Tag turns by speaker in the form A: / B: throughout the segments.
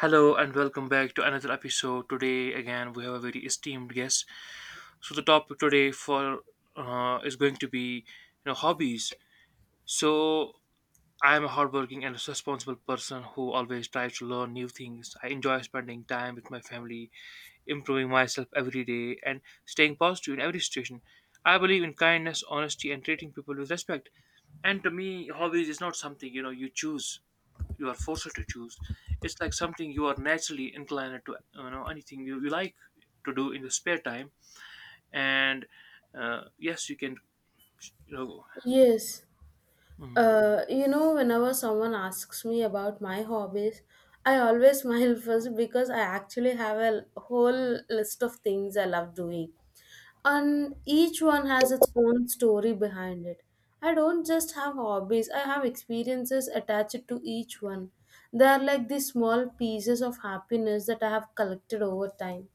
A: Hello and welcome back to another episode. Today again we have a very esteemed guest. So the topic today for is going to be hobbies. So I am a hardworking and responsible person who always tries to learn new things. I enjoy spending time with my family, improving myself every day, and staying positive in every situation. I believe in kindness, honesty, and treating people with respect. And to me, hobbies is not something you choose, you are forced to choose. It's like something you are naturally inclined to, anything you, like to do in your spare time, and yes you can you know
B: Yes,
A: mhm,
B: whenever someone asks me about my hobbies, I always smile first because I actually have a whole list of things I love doing, and each one has its own story behind it. I don't just have hobbies, I have experiences attached to each one. They are like the small pieces of happiness that I have collected over time.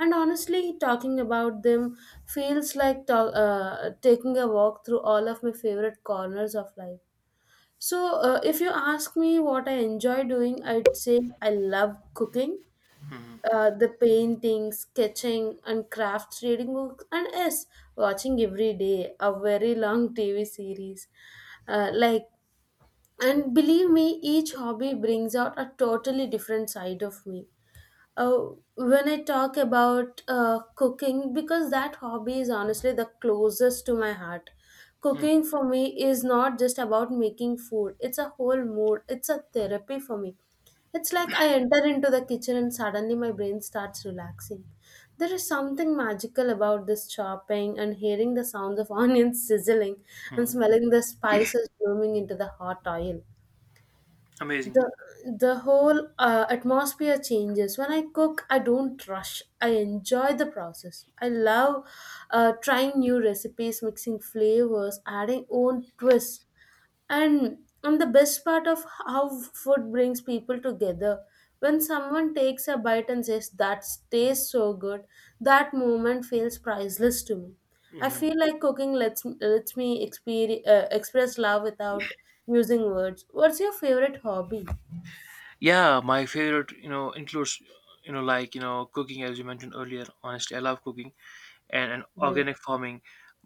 B: And honestly, talking about them feels like taking a walk through all of my favorite corners of life. So, if you ask me what I enjoy doing, I'd say I love cooking,
A: mhm,
B: the painting, sketching, and craft reading books, and yes, watching every day a very long TV series. Uh, like, and believe me, each hobby brings out a totally different side of me uh, when I talk about cooking, because that hobby is honestly the closest to my heart.
A: mhm,
B: Cooking for me is not just about making food, it's a whole mood, it's a therapy for me. It's like I enter into the kitchen and suddenly my brain starts relaxing. There is something magical about this chopping and hearing the sounds of onions sizzling and
A: mhm.
B: smelling the spices blooming into the hot oil.
A: Amazing.
B: The the whole atmosphere changes when I cook. I don't rush, I enjoy the process. I love trying new recipes, mixing flavors, adding own twists. And the best part of how food brings people together, when someone takes a bite and says that tastes so good, that moment feels priceless to me. I
A: Hmm.
B: feel like cooking lets me express love without using words. What's your favorite hobby?
A: Yeah, my favorite includes, cooking as you mentioned earlier. Honestly, I love cooking, and organic
B: Great.
A: farming.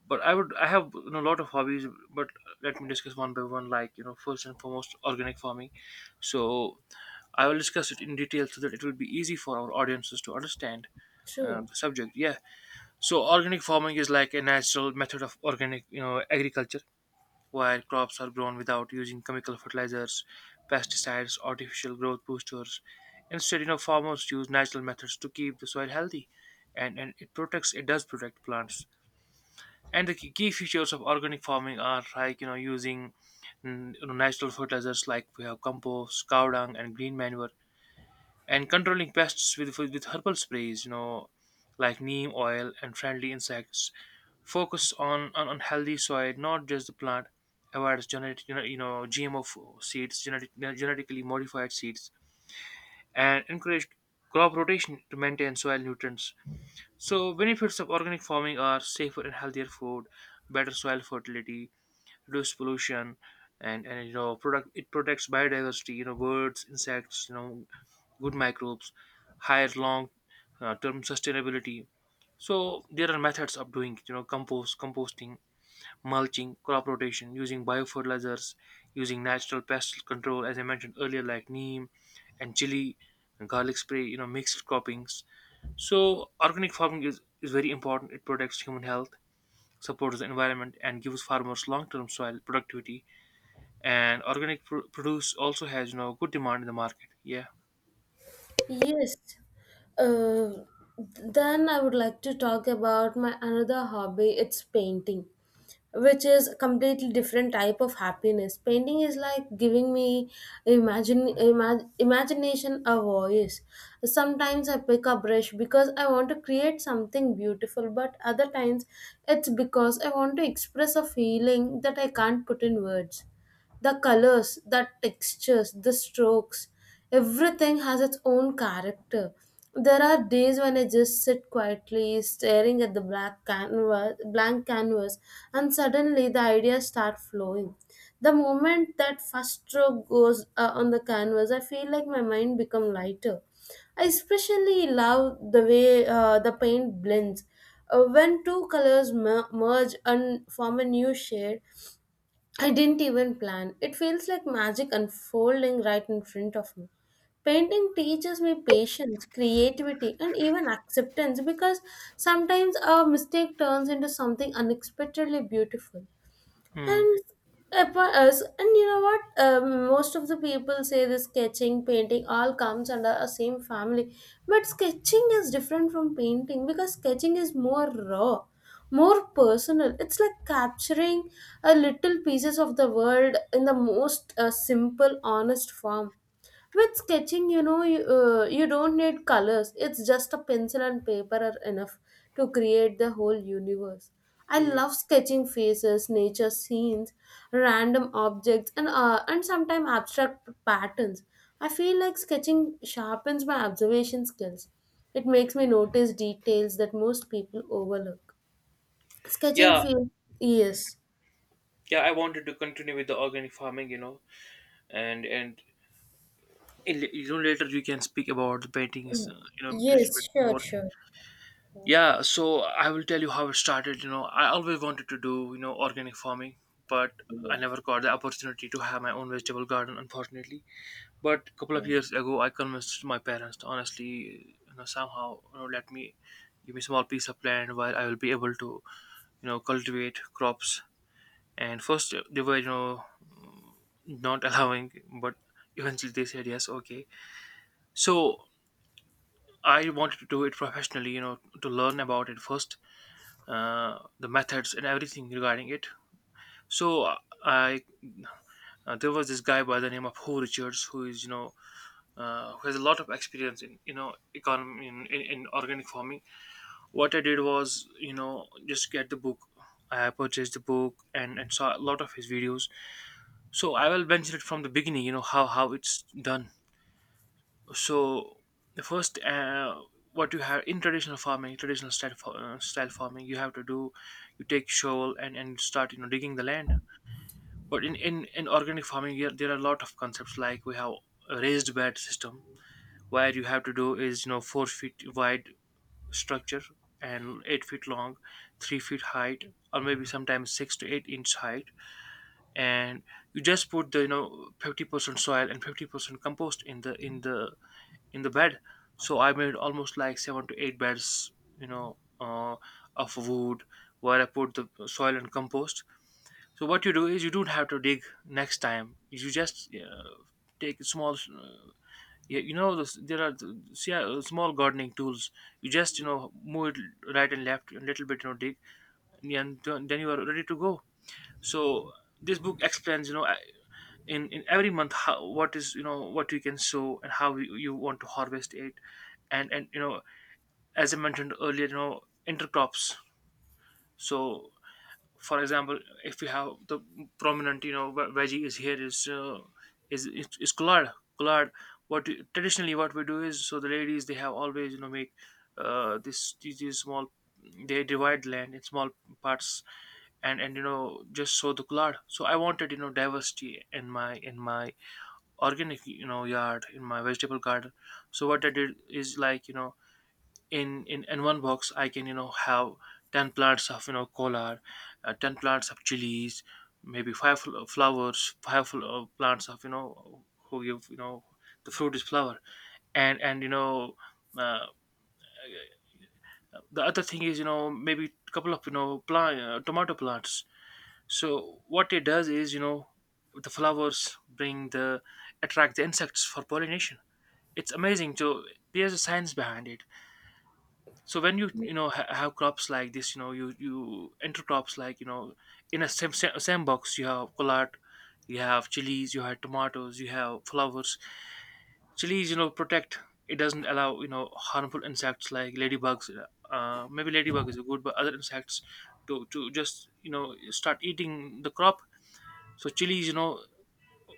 A: But I would, I have, a lot of hobbies. But let me discuss one by one, first and foremost, organic farming. So I will discuss it in detail so that it will be easy for our audiences to understand
B: True.
A: the subject. Yeah. So organic farming is like a natural method of organic, agriculture, where crops are grown without using chemical fertilizers, pesticides, artificial growth boosters. Instead, farmers use natural methods to keep the soil healthy, and it protects. It does protect plants. And the key features of organic farming are using natural fertilizers like we have compost, cow dung, and green manure, and controlling pests with herbal sprays, like neem oil and friendly insects, focus on on healthy soil not just the plant, avoid genetic, GMO seeds, genetic, genetically modified seeds, and encourage crop rotation to maintain soil nutrients. So benefits of organic farming are safer and healthier food, better soil fertility, reduced pollution, and product it protects biodiversity, birds, insects, good microbes, higher long term sustainability. So there are methods of doing, compost, composting, mulching, crop rotation, using biofertilizers, using natural pest control, as I mentioned earlier, like neem, and chili, and garlic spray, mixed croppings. So organic farming is very important. It protects human health, supports the environment, and gives farmers long-term soil productivity. And organic pr- produce also has, good demand in the market. Yeah.
B: Yes. Uh, then I would like to talk about my another hobby. It's painting, which is a completely different type of happiness. Painting is like giving me imagination a voice. Sometimes I pick a brush because I want to create something beautiful, but other times it's because I want to express a feeling that I can't put in words. The colors, the textures, the strokes, everything has its own character. There are days when I just sit quietly staring at the blank canvas, and suddenly the ideas start flowing. The moment that first stroke goes on the canvas, I feel like my mind become lighter. I especially love the way the paint blends. When two colors merge and form a new shade, I didn't even plan. It feels like magic unfolding right in front of me. Painting teaches me patience, creativity, and even acceptance, because sometimes a mistake turns into something unexpectedly beautiful.
A: Hmm.
B: And upon us, and you know what, most of the people say this sketching painting all comes under a same family, but sketching is different from painting because sketching is more raw, more personal. It's like capturing a little pieces of the world in the most simple honest form. With sketching, you know, you don't need colors. It's just a pencil and paper are enough to create the whole universe. I
A: Hmm.
B: love sketching faces, nature scenes, random objects, and and sometimes abstract patterns. I feel like sketching sharpens my observation skills. It makes me notice details that most people overlook. Sketching
A: Yeah,
B: feels. Yes,
A: yeah, I wanted to continue with the organic farming, and in, later we can speak about the paintings, a little
B: yes,
A: bit
B: sure,
A: more.
B: sure, sure.
A: Yeah, so I will tell you how it started. I always wanted to do, organic farming, but I
B: Yes.
A: never got the opportunity to have my own vegetable garden, unfortunately. But a couple of
B: Okay.
A: years ago I convinced my parents to, honestly, somehow, let me, give me, small piece of land where I will be able to cultivate crops. And first they were, not allowing, but eventually they said yes, okay. So I wanted to do it professionally, to learn about it first, the methods and everything regarding it. So I there was this guy by the name of Ho Richards, who is, who has a lot of experience in, economy in organic farming. What I did was, just get the book. I purchased the book, and saw a lot of his videos. So I will mention it from the beginning, how, it's done. So the first, what you have in traditional farming, style farming, you have to do, you take shovel and start, digging the land. But in organic farming, yeah, there are a lot of concepts. Like we have a raised bed system, where you have to do is, 4 feet wide structure, and 8 feet long, 3 feet height, or maybe sometimes 6 to 8 inch height, and you just put the, 50% soil and 50% compost in the, in the bed. So I made almost like 7 to 8 beds, you know uh, of wood, where I put the soil and compost. So what you do is, you don't have to dig next time. You just take small, those- there are th- see, small gardening tools. You just, move it right and left a little bit, dig, and then you are ready to go. So this book explains, in, every month, how, what is, what you can sow and how you, want to harvest it, and, as I mentioned earlier, intercrops. So for example, if you have the prominent, ve- veggie is here is is collard. Collard. What you- traditionally what we do is, so the ladies, they have always, make this, these small, they divide land in small parts, and, just sow the collard. So I wanted, diversity in my, organic, yard, in my vegetable garden. So what I did is in one box I can, have 10 plants of, collard, 10 plants of chilies, maybe five flowers, five plants of, who give, the fruit is flower, and, uh, the other thing is, maybe couple of, plant tomato plants. So what it does is, the flowers bring the, attract the insects for pollination. It's amazing. So there's a science behind it. So when you know have crops like this, you, enter crops, in a same box, you have collard, you have chilies, you have tomatoes, you have flowers. Chilies, protect. It doesn't allow, harmful insects like ladybugs, maybe ladybug is good, but other insects, to just, start eating the crop. So chilies, you know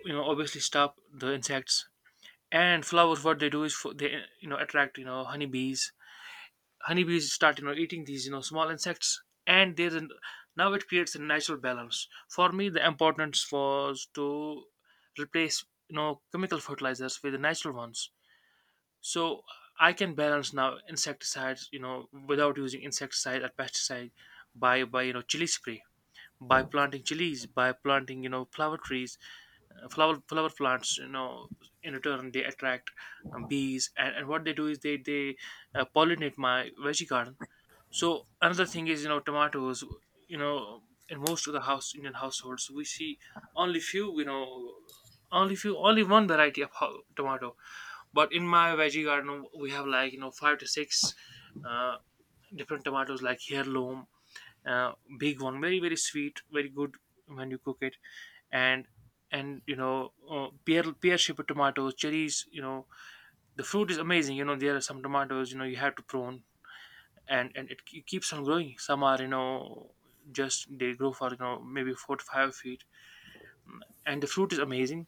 A: you know obviously stop the insects. And flowers, what they do is, for they, attract, honeybees. Honeybees start, eating these, small insects, and there's an, now it creates a natural balance. For me the importance was to replace, chemical fertilizers with the natural ones. So I can balance now insecticides, without using insecticide or pesticide, by chili spray, by planting chilies, by planting, flower trees, flower plants, in return they attract bees, and what they do is they pollinate my veggie garden. So another thing is, tomatoes. You know, in most of the house Indian households, we see only few. Only few, only one variety of ho- tomato. But in my veggie garden we have five to six uh, different tomatoes, like heirloom, big one, very, very sweet, very good when you cook it, and, pear shaped tomatoes, cherries. The fruit is amazing. There are some tomatoes, you have to prune, and it ke- keeps on growing. Some are, just they grow for, maybe 4 to 5 feet, and the fruit is amazing.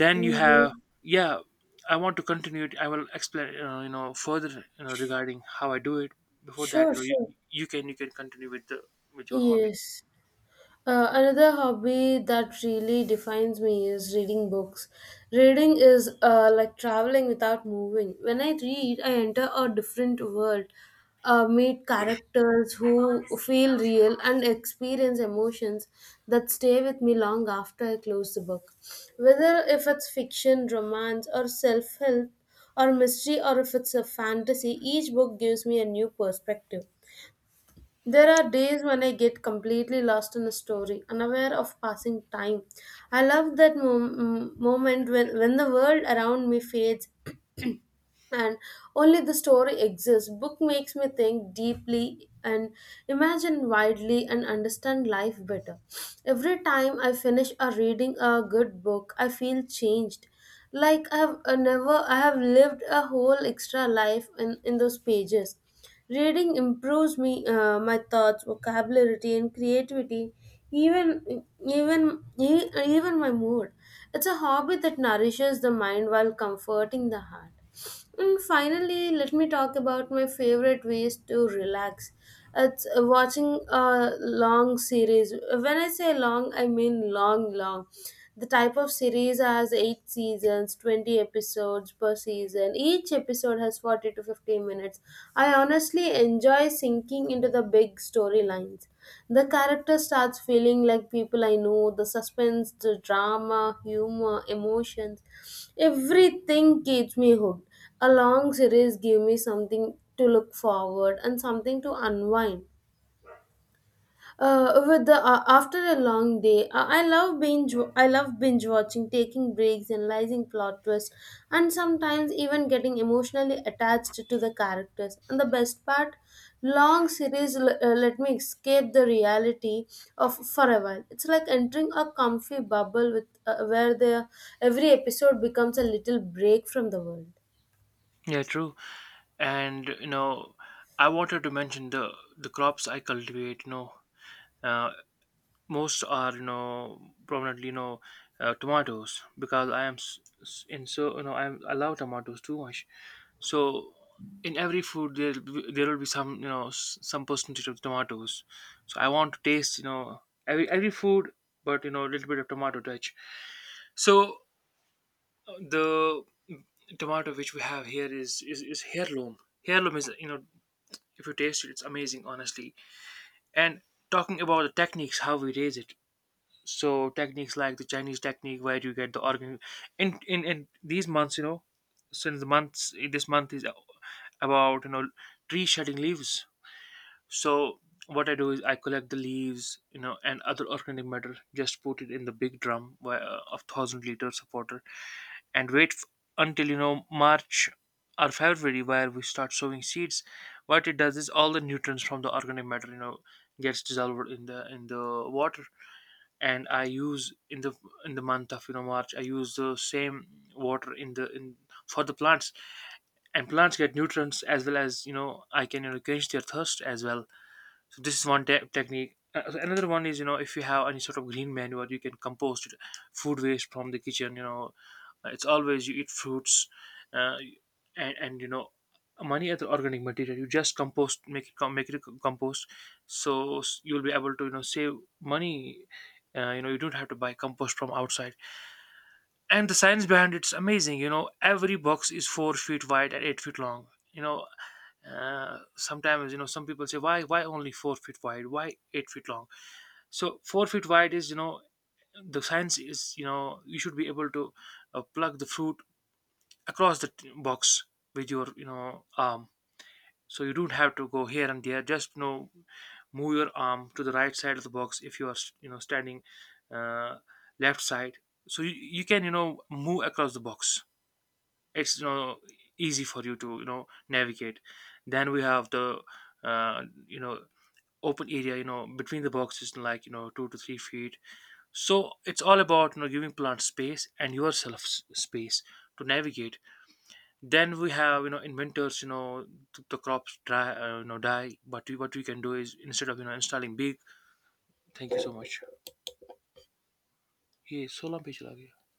A: Then you
B: Can you?
A: have- Yeah, I want to continue it, I will explain, further, regarding how I do it. Before that,
B: Sure,
A: you,
B: sure.
A: you can, continue with the, with your hobby.
B: Yes. Another hobby that really defines me is reading books. Reading is like traveling without moving. When I read, I enter a different world, meet characters who feel real, and experience emotions that stay with me long after I close the book. Whether if it's fiction, romance, or self help, or mystery, or if it's a fantasy, each book gives me a new perspective. There are days when I get completely lost in a story, unaware of passing time. I love that moment when the world around me fades, and only the story exists. Book makes me think deeply and imagine widely and understand life better. Every time I finish a reading a good book, I feel changed, like I have never I have lived a whole extra life in those pages. Reading improves me, my thoughts, vocabulary, and creativity, even my mood. It's a hobby that nourishes the mind while comforting the heart. And finally, let me talk about my favorite ways to relax. It's watching a long series. When I say long, I mean long, long. The type of series has 8 seasons, 20 episodes per season. Each episode has 40 to 15 minutes. I honestly enjoy sinking into the big storylines. The character starts feeling like people I know, the suspense, the drama, humor, emotions. Everything keeps me hooked. A long series gave me something to look forward and something to unwind. With the After a long day, I love binge. I love binge watching, taking breaks, analyzing plot twists, and sometimes even getting emotionally attached to the characters. And the best part, long series let me escape the reality of for a while. It's like entering a comfy bubble with where the every episode becomes a little break from the world.
A: Yeah true, and I wanted to mention the crops I cultivate, uh, most are, prominently, tomatoes. Because I am in, so I'm, I love tomatoes too much. So in every food there, there will be some, some percentage of tomatoes. So I want to taste, every, food, but a little bit of tomato touch. So the tomato which we have here is heirloom. Heirloom is, if you taste it, it's amazing, honestly. And talking about the techniques how we raise it, so techniques like the Chinese technique, where you get the organ in, in these months, since the months, this month is about, tree shedding leaves. So what I do is, I collect the leaves, and other organic matter, just put it in the big drum where, of 1,000 liters of water, and wait until, March or February, where we start sowing seeds. What it does is, all the nutrients from the organic matter, gets dissolved in the, water. And I use in the, in the month of, March, I use the same water in the, in for the plants, and plants get nutrients, as well as, I can, quench their thirst as well. So this is one te- technique. So another one is, if you have any sort of green manure, you can compost it- food waste from the kitchen. It's always you eat fruits, uh, and, many other organic material. You just compost, make it com- make it a compost, so s- you'll be able to, save money. You don't have to buy compost from outside. And the science behind it's amazing. Every box is 4 feet wide and 8 feet long. You know sometimes, some people say why only 4 feet wide, why 8 feet long. So 4 feet wide is, the science is, you should be able to plug the fruit across the t- box with your, arm, so you don't have to go here and there, just, move your arm to the right side of the box if you are, standing, uh, left side. So you, can, move across the box. It's, easy for you to, navigate. Then we have the, uh, you know open area, between the boxes, 2 to 3 feet. So it's all about, giving plants space and yourself s- space to navigate. Then we have, in winters, th- the crops dry, die, but we, what we can do is instead of, installing big... thank you so much. Yeah, solar page lag gaya.